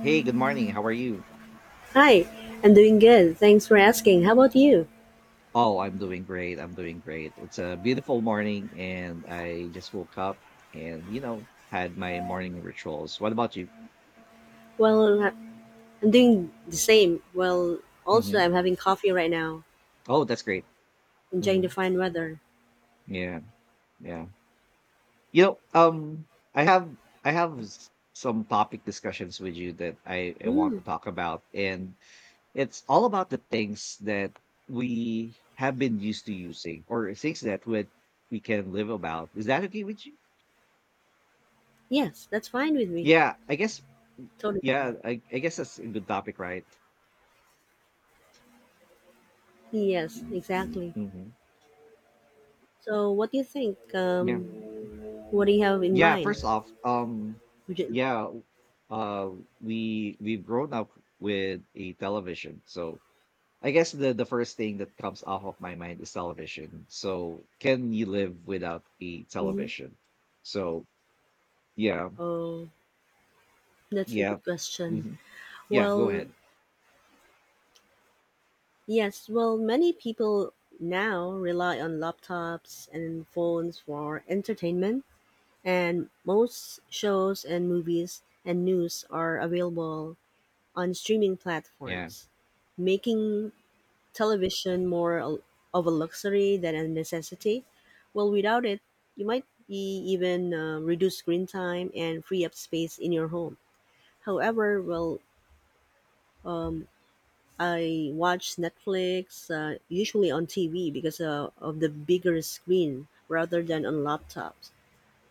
Hey, good morning. How are you? Hi, I'm doing good. Thanks for asking. How about you? Oh, I'm doing great. I'm doing great. It's a beautiful morning, and I just woke up and, you know, had my morning rituals. What about you? Well, I'm doing the same. Well, also, Hmm I'm having coffee right now, Oh, that's great. enjoying Hmm the fine weather. Yeah, yeah. You know, um, I have some topic discussions with you that I want to Mm, talk about, and it's all about the things that we have been used to using or things that we can live about. Is that okay with you? yes, that's fine with me. Yeah, I guess. Yeah, Totally. I guess that's a good topic, right? Yes, exactly. hmm So, what do you think? Yeah. What do you have in Yeah, mind? first off, Would you, yeah, uh we've grown up with a television. So I guess the first thing that comes off of my mind is television. So can you live without a mhm. television? So yeah, Oh, that's a yeah. good question. hmm Yeah, go Well, ahead. yes, well, many people now rely on laptops and phones for entertainment, and most shows and movies and news are available on streaming Yeah. platforms, making television more of a luxury than a necessity. Without it, you might be even reduce screen time and free up space in your home. However, um, I watch Netflix usually on TV because of the bigger screen rather than on laptops.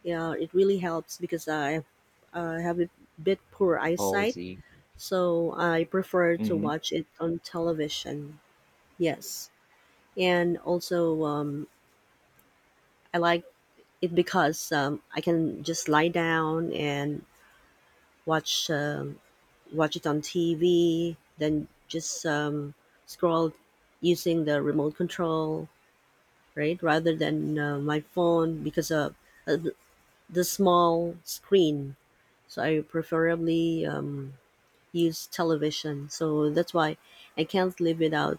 Yeah, it really helps because I have a bit poor Always eyesight, see. so I prefer to Hmm watch it on television. Yes, and also I like it because I can just lie down and watch um, watch it on TV, then just scroll using the remote control, right, rather than my phone because of uh, the the small screen. So I preferably use television. So that's why I can't live without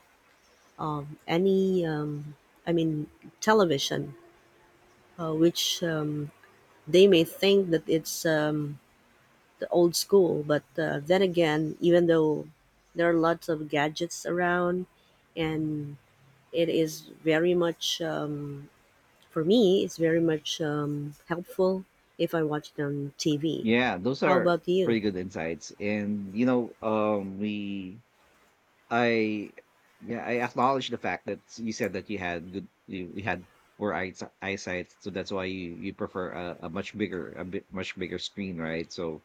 um, any, um, I mean, television, which they may think that it's the old school. But then again, even though there are lots of gadgets around, and it is very much, for me, it's very much helpful if I watch it on TV. Yeah, those How are about you? pretty good insights. And you know, we I yeah, I acknowledge the fact that you said that you had you had poor eyesight, so that's why you prefer a much bigger a bit much bigger screen, right? So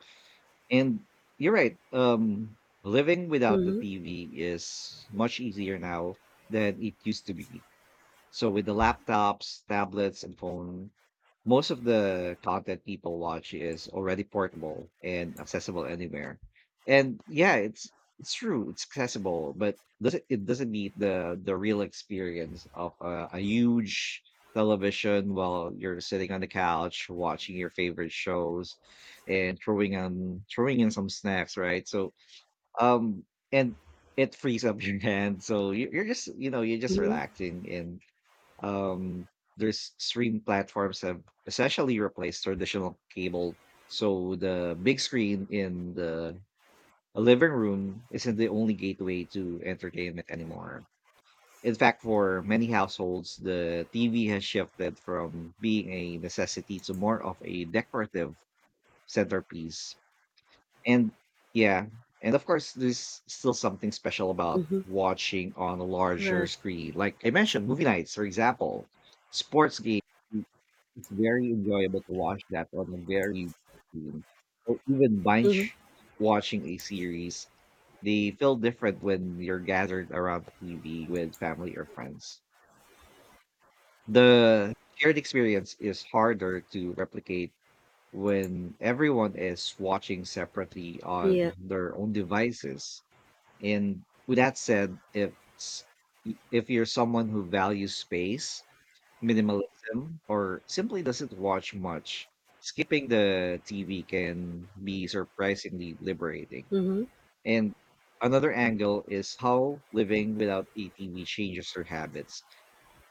and you're right. Living without the Mm-hmm. TV is much easier now than it used to be. So with the laptops, tablets, and phone, most of the content people watch is already portable and accessible anywhere. And yeah, it's true, it's accessible, but doesn't meet the real experience of a huge television while you're sitting on the couch watching your favorite shows and throwing in some snacks, right? So um and it frees up your hand, so you're just, you know, you're just Mm-hmm. relaxing. And um there's stream platforms have essentially replaced traditional cable, so the big screen in the living room isn't the only gateway to entertainment anymore. In fact, for many households, the TV has shifted from being a necessity to more of a decorative centerpiece. And yeah, and of course there's still something special about Mm-hmm. watching on a larger Correct. screen, like I mentioned, movie nights, for example, sports games. It's very enjoyable to watch that on a very huge screen. Or even Mm-hmm. binge watching a series. They feel different when you're gathered around the TV with family or friends. The shared experience is harder to replicate when everyone is watching separately on Yeah. their own devices. And with that said, if you're someone who values space, minimalism, or simply doesn't watch much, skipping the TV can be surprisingly liberating. Mm-hmm. And another angle is how living without a TV changes your habits.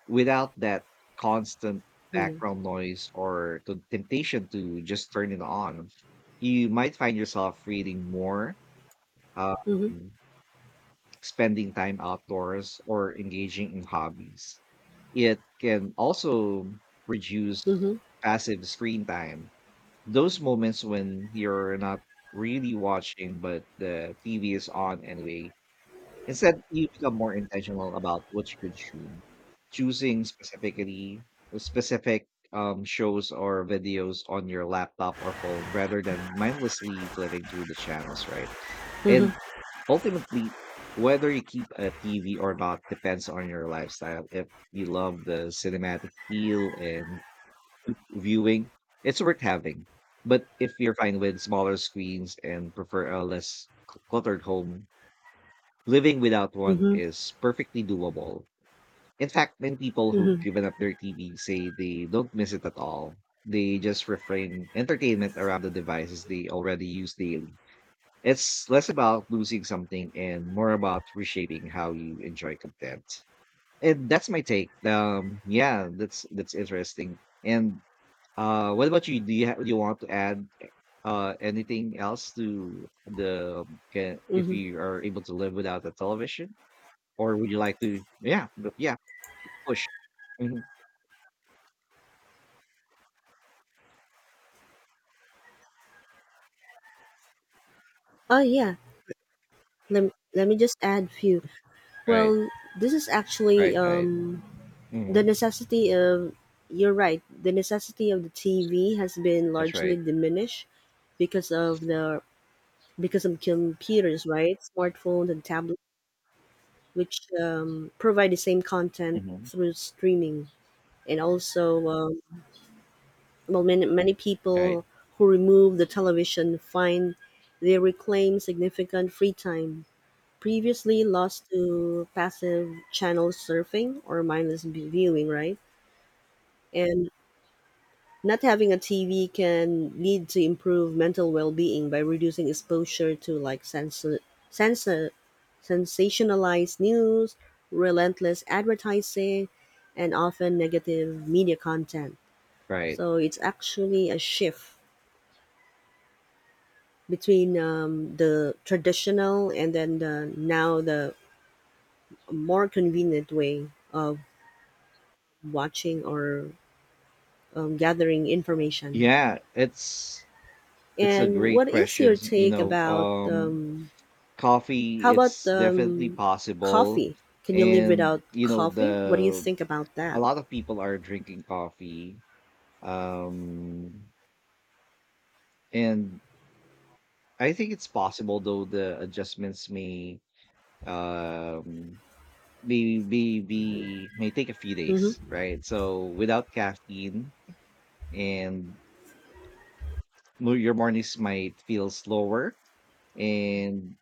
Without that constant Yeah. background noise or the temptation to just turn it on, you might find yourself reading more, uh, Mhm. spending time outdoors or engaging in hobbies. It can also reduce Mhm. passive screen time. Those moments when you're not really watching, but the TV is on anyway. Instead, you become more intentional about what you consume, choosing specific shows or videos on your laptop or phone rather than mindlessly flipping through the channels, right? Mhm. And ultimately, whether you keep a TV or not depends on your lifestyle. If you love the cinematic feel and viewing, it's worth having. But if you're fine with smaller screens and prefer a less cluttered home, living without one Mhm. is perfectly doable. In fact, many people who've Mhm. given up their TV say they don't miss it at all. They just refrain entertainment around the devices they already use daily. It's less about losing something and more about reshaping how you enjoy content. And that's my take. Yeah, that's interesting. And what about you? Do you do you want to add anything else to the can, if Mhm. you are able to live without a television, or would you like to? Yeah, but yeah, push. Hmm Oh yeah. Let me just add few. Right, Well, this is actually right, right. Hmm the necessity of you're right. The necessity of the TV has been That's largely right. diminished because of computers, right? Smartphones and tablets, which provide the same content hmm through streaming, and also well, many Right, people who remove the television find they reclaim significant free time previously lost to passive channel surfing or mindless viewing, right. And not having a TV can lead to improved mental well-being by reducing exposure to like sensor, sensor sensationalized news, relentless advertising, and often negative media content. right. So it's actually a shift between the traditional and then the more convenient way of watching or gathering information. Yeah, it's a And great what is question. your take about how Coffee, about it's definitely possible. coffee? Can you live And, without you know, coffee? What do you the think about a that? lot of people are drinking coffee. Um, and I think it's possible though the adjustments may um be may take a few Mm-hmm. days, right? So without caffeine and your mornings might feel slower and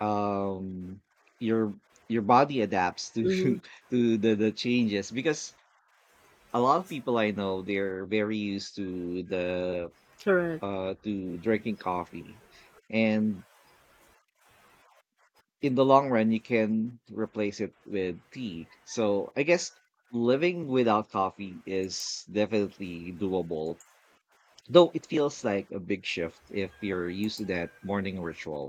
um your your body adapts to Mm-hmm. to the changes, because a lot of people I know they're very used to the Correct. To drinking coffee. And in the long run you can replace it with tea, so I guess living without coffee is definitely doable, though it feels like a big shift if you're used to that morning ritual.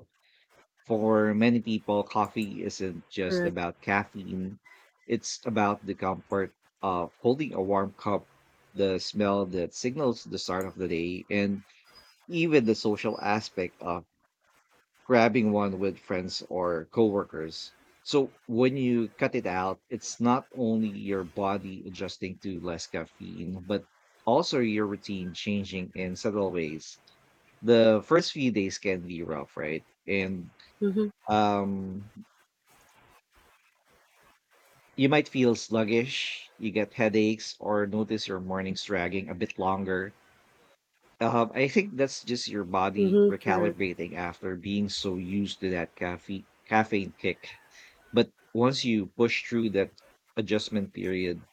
For many people, coffee isn't just Correct. about caffeine, it's about the comfort of holding a warm cup, the smell that signals the start of the day, and even the social aspect of grabbing one with friends or coworkers. So when you cut it out, it's not only your body adjusting to less caffeine, but also your routine changing in subtle ways. The first few days can be rough, right? And Mm-hmm. um You might feel sluggish, you get headaches, or notice your mornings dragging a bit longer. I think that's just your body Mm-hmm. Correct. recalibrating after being so used to that caffeine kick. But once you push through that adjustment period,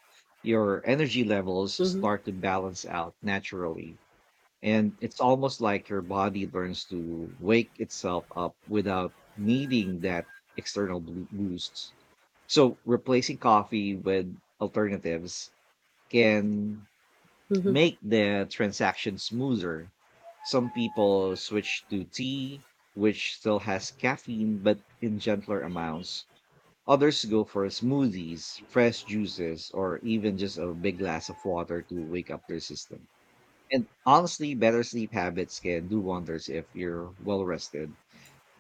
your energy levels Mm-hmm. start to balance out naturally. And it's almost like your body learns to wake itself up without needing that external boost. So replacing coffee with alternatives can make the transaction smoother. Some people switch to tea, which still has caffeine but in gentler amounts. Others go for smoothies, fresh juices, or even just a big glass of water to wake up their system. And honestly, better sleep habits can do wonders if you're well rested.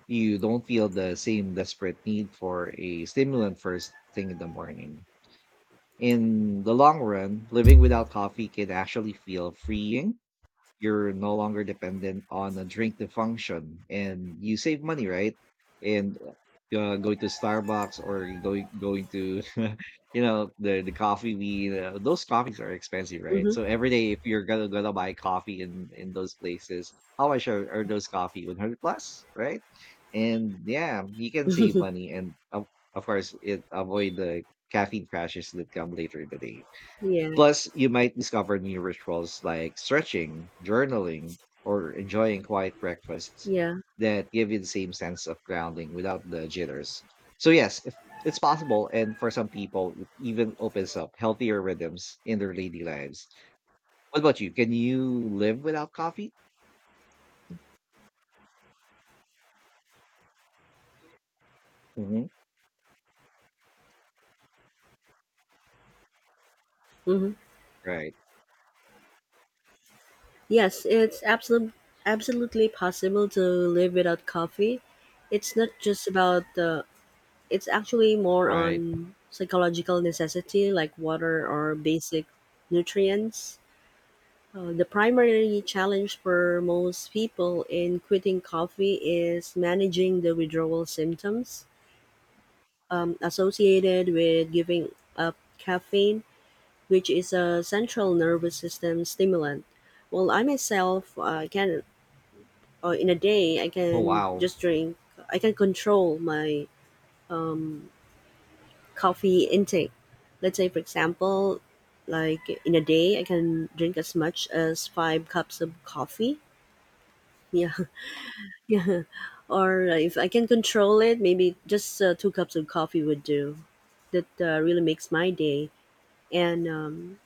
You don't feel the same desperate need for a stimulant first thing in the morning. In the long run, living without coffee can actually feel freeing. You're no longer dependent on a drink to function, and you save money, right? And going to Starbucks or going to you know the coffee bean, those coffees are expensive, right? Mm-hmm. So every day if you're gonna buy coffee in those places, how much are those coffee? 100 plus, right? And yeah, you can save Mm-hmm. money. Of course it avoid the caffeine crashes that come later in the day. yeah. Plus, you might discover new rituals like stretching, journaling, or enjoying quiet breakfasts Yeah. that give you the same sense of grounding without the jitters. So, yes, if it's possible. And for some people, it even opens up healthier rhythms in their daily lives. What about you? Can you live without coffee? Hmm Mm-hmm. Right, Yes, it's absolutely possible to live without coffee. It's not just about the it's Actually more right. on psychological necessity like water or basic nutrients. The primary challenge for most people in quitting coffee is managing the withdrawal symptoms associated with giving up caffeine, which is a central nervous system stimulant. Well, I myself can or in a day I Oh, can wow. just drink. I can control my um, coffee intake. Let's say, for example, like in a day I can drink as much as five cups of coffee. Yeah, yeah. Or if I can control it, maybe just two cups of coffee would do. That really makes my day. And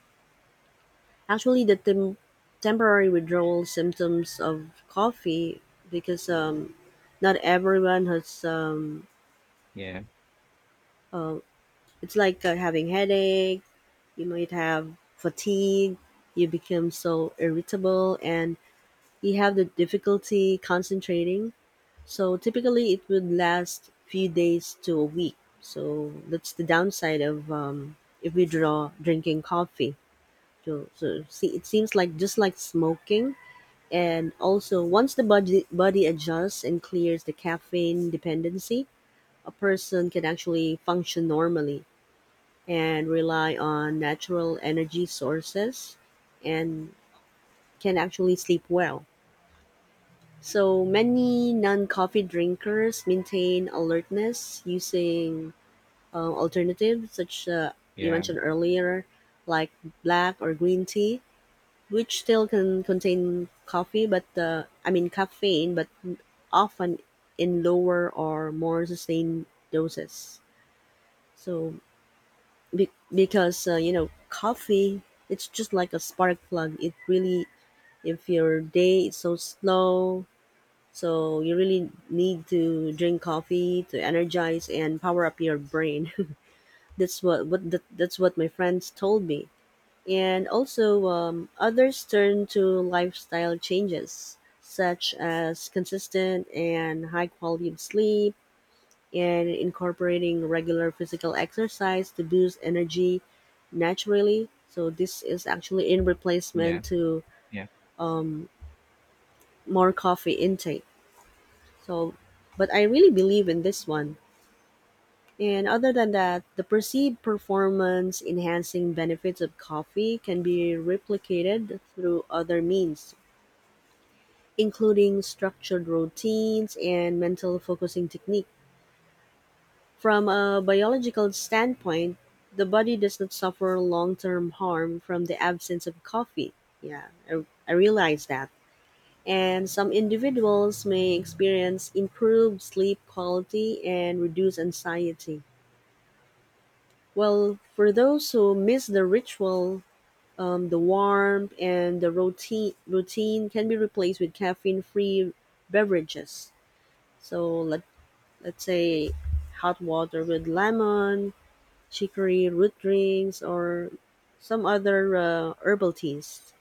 actually, the temporary withdrawal symptoms of coffee, because not everyone has Yeah, uh, it's like having headache, you might have fatigue, you become so irritable, and you have the difficulty concentrating. So typically it would last few days to a week. So that's the downside of if we draw drinking coffee. So, so see, it seems like just like smoking. And also, once the body adjusts and clears the caffeine dependency, a person can actually function normally and rely on natural energy sources, and can actually sleep well. So many non-coffee drinkers maintain alertness using alternatives such you yeah, mentioned earlier, like black or green tea, which still can contain coffee, but I mean caffeine, but often in lower or more sustained doses. So because you know, coffee, it's just like a spark plug. It really, if your day is so slow, so you really need to drink coffee to energize and power up your brain. That's what my friends told me. And also others turn to lifestyle changes such as consistent and high quality of sleep, and incorporating regular physical exercise to boost energy naturally. So this is actually in yeah, replacement to yeah. um, more coffee intake. So, but I really believe in this one. And other than that, the perceived performance enhancing benefits of coffee can be replicated through other means, including structured routines and mental focusing techniques. From a biological standpoint, the body does not suffer long-term harm from the absence of coffee. Yeah, I realize that. And some individuals may experience improved sleep quality and reduce anxiety. Well, for those who miss the ritual, the warmth and the routine can be replaced with caffeine-free beverages. So let's say hot water with lemon, chicory root drinks, or some other herbal teas.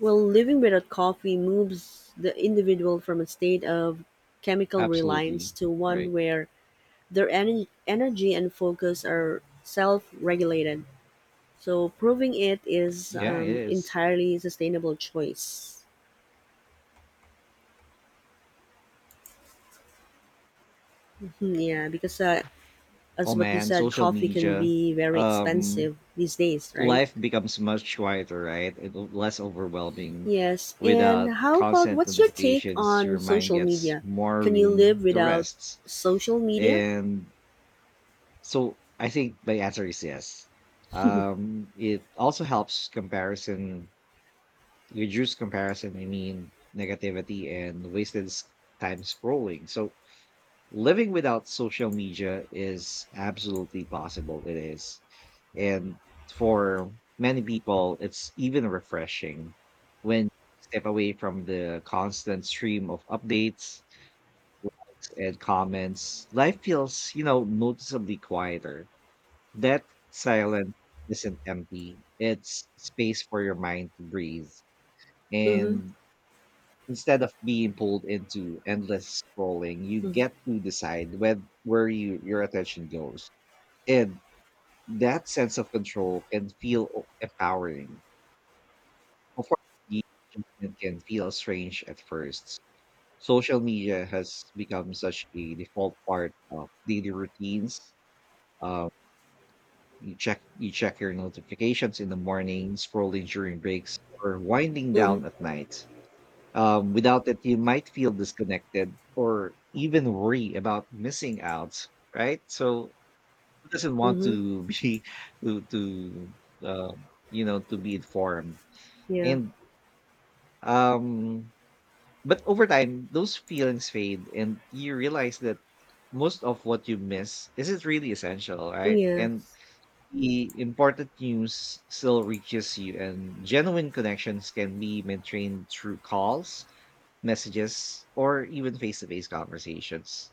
Well, living without coffee moves the individual from a state of chemical Absolutely. reliance to Right. one where their energy and focus are self regulated. So, proving it is Yeah, it is. entirely sustainable choice. Mhm. Yeah, because Oh, as what you man, said, social coffee can media. be very Um, expensive these days, right? life becomes much quieter, right? It less overwhelming. Yes, Without and how about constant what's your take notifications, on your mind social gets media? more Can you room live to without rest. social media? And so I think my answer is yes. It also helps reduce comparison, I mean, negativity and wasted time scrolling. So living without social media is absolutely possible. It is. And for many people, it's even refreshing when you step away from the constant stream of updates, likes, and comments. Life feels, you know, noticeably quieter. That silence isn't empty, it's space for your mind to breathe. Mm-hmm. And instead of being pulled into endless scrolling, you Mm-hmm. get to decide when, where your attention goes. And that sense of control can feel empowering. Of course, the adjustment can feel strange at first. Social media has become such a default part of daily routines. Um, you check your notifications in the morning, scrolling during breaks, or winding down Mm-hmm. at night. Without it, you might feel disconnected or even worry about missing out, right? So who doesn't want Mm-hmm. to be to you know, to be informed? Yeah. And um, but over time, those feelings fade, and you realize that most of what you miss isn't really essential, right? And Yes. the important news still reaches you, and genuine connections can be maintained through calls, messages, or even face to face conversations.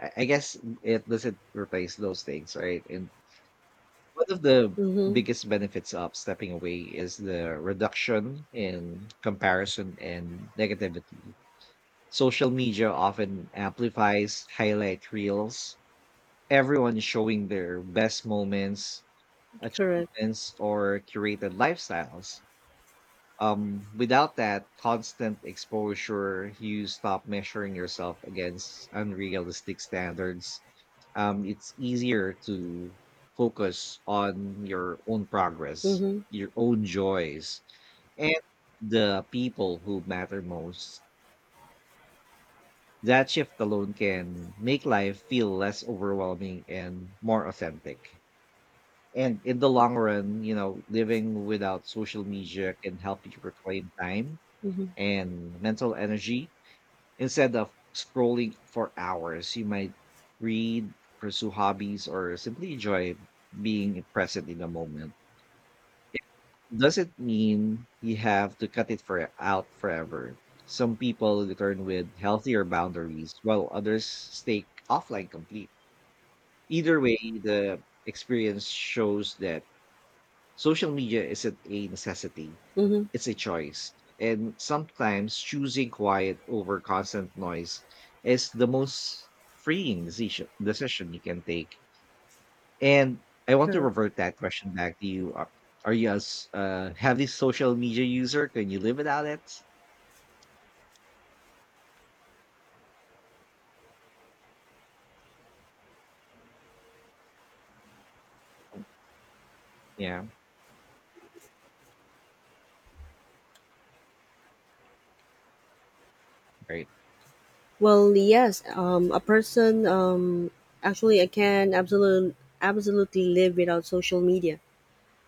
I guess it doesn't replace those things, right? And one of the Mm-hmm. biggest benefits of stepping away is the reduction in comparison and negativity. Social media often amplifies highlight reels, everyone showing their best moments, Correct. achievements, or curated lifestyles. Without that constant exposure, you stop measuring yourself against unrealistic standards. It's easier to focus on your own progress, Mm-hmm. your own joys, and the people who matter most. That shift alone can make life feel less overwhelming and more authentic. And in the long run, you know, living without social media can help you reclaim time Mm-hmm. and mental energy. Instead of scrolling for hours, you might read, pursue hobbies, or simply enjoy being present in the moment. Doesn't mean you have to cut it for out forever. Some people return with healthier boundaries, while others stay offline complete. Either way, the experience shows that social media isn't a necessity, Mm-hmm. it's a choice. And sometimes choosing quiet over constant noise is the most freeing decision you can take. And I want to Correct. revert that question back to you. Are heavy social media user? Can you live without it? Yeah, right, Well, yes. A person. Actually, I can absolutely live without social media.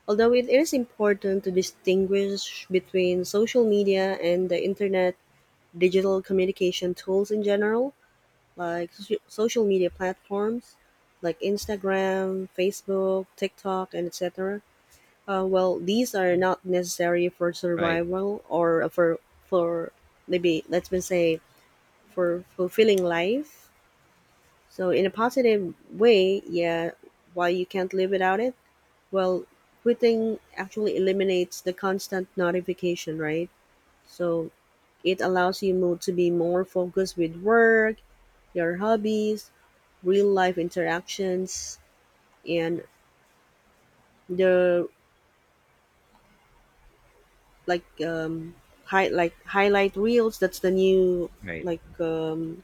Although it is important to distinguish between social media and the internet digital communication tools in general, like social media platforms like Instagram, Facebook, TikTok, and etc. Well, these are not necessary for right, survival or for maybe let's been say for fulfilling life. So in a positive way, yeah, why you can't live without it? Well, quitting actually eliminates the constant notification, right? So it allows you to be more focused with work, your hobbies, real life interactions, and the like um, highlight reels. That's the new right, like um,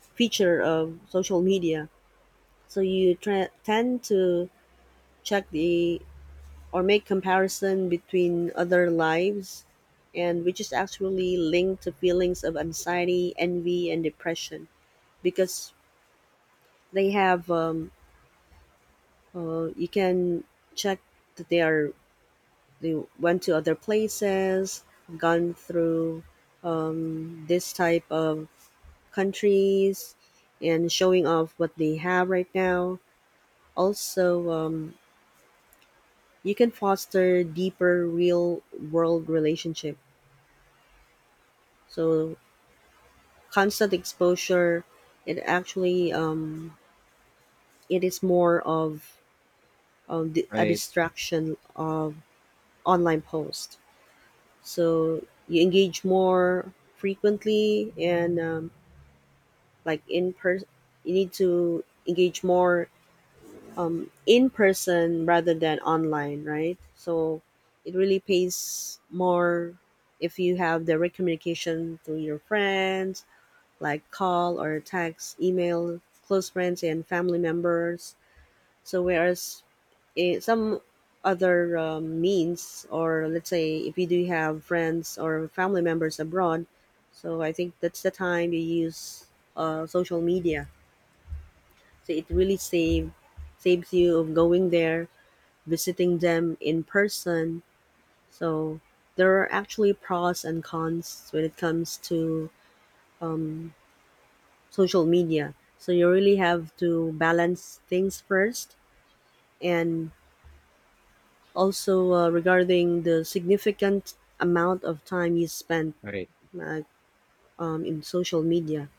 feature of social media. So you tend to check the or make comparison between other lives, and which is actually linked to feelings of anxiety, envy, and depression. Because they have you can check that they went to other places, gone through this type of countries, and showing off what they have right now. Also you can foster deeper real world relationship. So constant exposure, it actually it is more of a right, distraction of online post. So you engage more frequently, and like in person, you need to engage more in person rather than online, right? So it really pays more if you have direct communication through your friends, like call or text email, close friends and family members. So whereas some other means, or let's say if you do have friends or family members abroad, so I think that's the time you use social media. So it really saves you of going there, visiting them in person. So there are actually pros and cons when it comes to um, social media. So you really have to balance things first. And also, regarding the significant amount of time you spend, right. like in social media.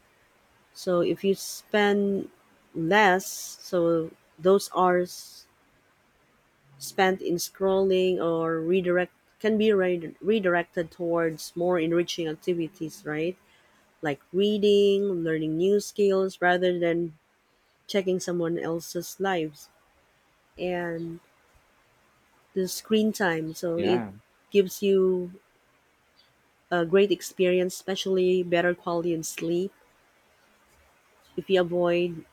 So if you spend less, so those hours spent in scrolling or redirect can be redirected towards more enriching activities, right? Like reading, learning new skills, rather than checking someone else's lives. And the screen time, so it Yeah, gives you a great experience, especially better quality in sleep if you avoid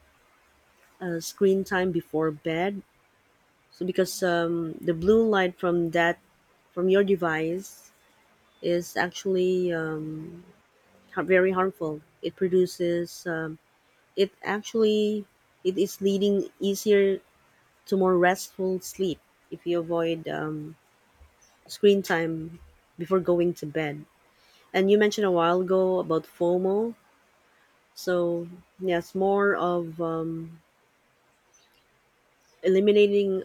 screen time before bed. So because the blue light from that from your device is actually very harmful. It produces it actually, it is leading easier to more restful sleep if you avoid screen time before going to bed. And you mentioned a while ago about FOMO. So yes, more of eliminating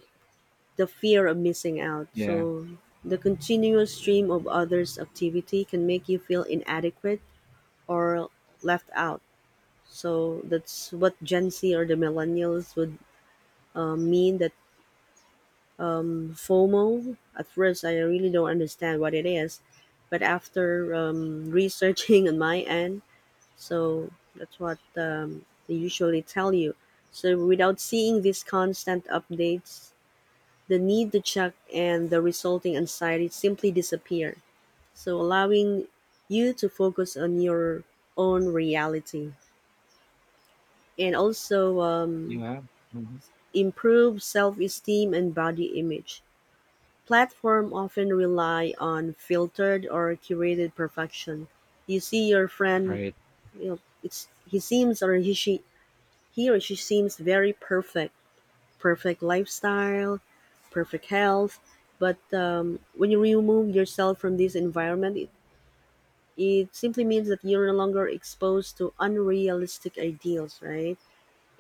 the fear of missing out. yeah, So the continuous stream of others' activity can make you feel inadequate or left out. So that's what Gen Z or the millennials would mean that FOMO. At first, I really don't understand what it is, but after researching on my end, so that's what they usually tell you. So without seeing these constant updates, the need to check and the resulting anxiety simply disappear, so allowing you to focus on your own reality. And also yeah. Mhm. improve self-esteem and body image. Platform often rely on filtered or curated perfection. You see your friend, Right, you know, it's he seems or he she he or she seems very perfect, perfect lifestyle, perfect health. But when you remove yourself from this environment, it simply means that you're no longer exposed to unrealistic ideals, right?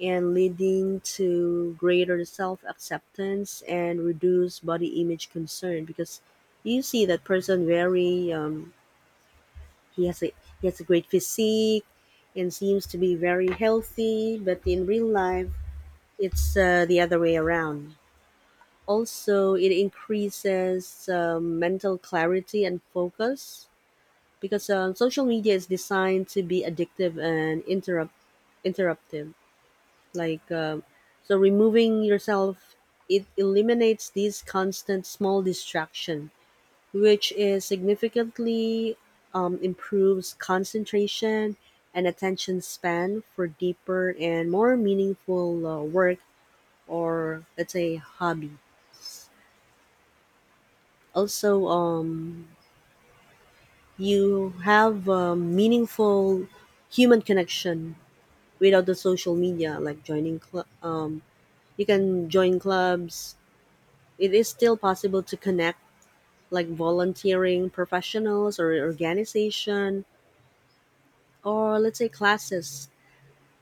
And leading to greater self acceptance and reduce body image concern, because you see that person very um, he has a he has a great physique and seems to be very healthy, but in real life it's the other way around. Also, it increases mental clarity and focus, because social media is designed to be addictive and interruptive. Like, um so removing yourself, it eliminates these constant small distraction, which is significantly improves concentration and attention span for deeper and more meaningful work, or let's say hobby. Also, you have a meaningful human connection without the social media, like joining club. You can join clubs. It is still possible to connect, like volunteering, professionals, or organization, or let's say classes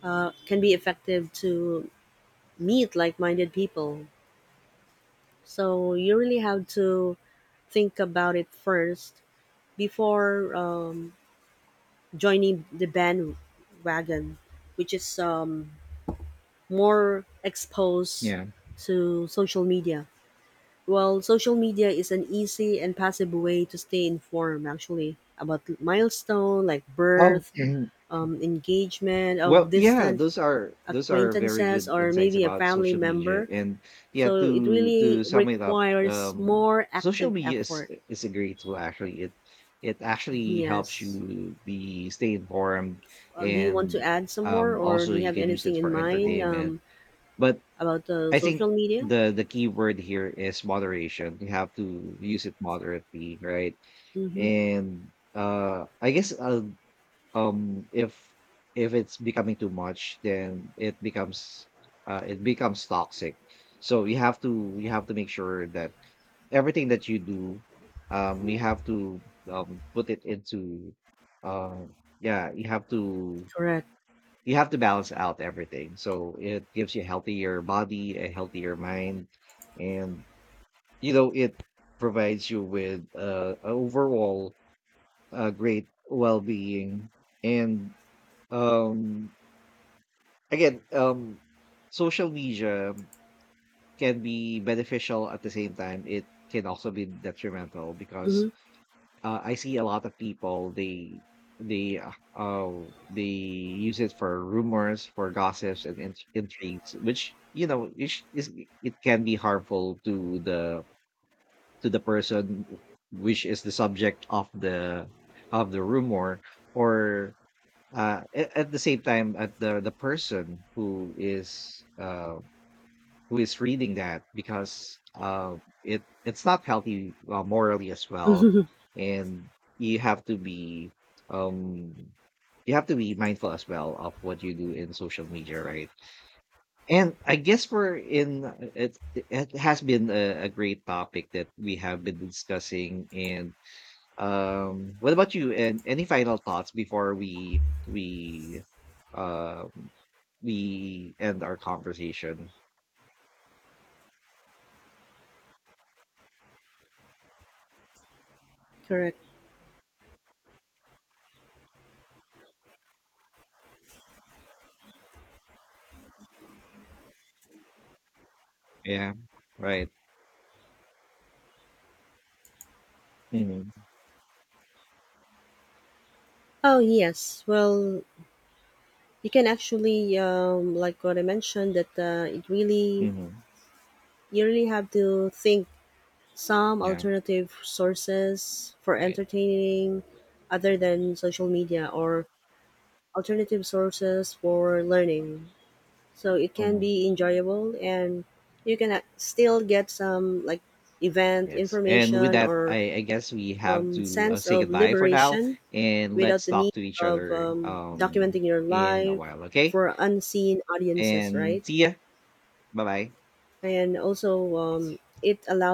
can be effective to meet like-minded people. So you really have to think about it first before joining the bandwagon, which is more exposed yeah. to social media. Well, social media is an easy and passive way to stay informed, actually, about milestone like Um, birth, engagement of well, yeah, distant those are very acquaintances, good or insights maybe a about family social media. member. And yeah, So it to really to sum it up, requires more social active media effort. is a great tool actually. It actually helps Yes. you be stay informed Do you want to and add some more, or also do you you have can use it anything in for mind? entertainment. But About the I social think media. the key word here is moderation. You have to use it moderately, right? Mm-hmm. And um if if it's becoming too much, then it becomes toxic. So you have to make sure that everything that you do you have to put it into uh, yeah, Correct. you have to balance out everything, so it gives you a healthier body, a healthier mind, and you know it provides you with a overall great well-being. And um again, social media can be beneficial. At the same time, it can also be detrimental, because I see a lot of people, they use it for rumors, for gossips and intrigues, which you know is, it can be harmful to the person which is the subject of the rumor, or at the same time at the person who is reading that, because it it's not healthy morally as well, Mm-hmm. and you have to be um you have to be mindful as well of what you do in social media, right? And I guess we're in it. It has been a great topic that we have been discussing. And what about you? And any final thoughts before um we end our conversation? Correct. Yeah, right. Mhm, Oh yes. Well, you can actually, like what I mentioned, that it really mhm. you really have to think some Yeah, alternative sources for right. entertaining other than social media, or alternative sources for learning. So it can Mhm. be enjoyable, and you can still get some like event Yes, and with information, that, or I guess we have to, sense say of goodbye for now, liberation and without let's the talk need to each of other, documenting your in a life while, okay? for unseen audiences, right? And see ya. Bye-bye. And also, it allows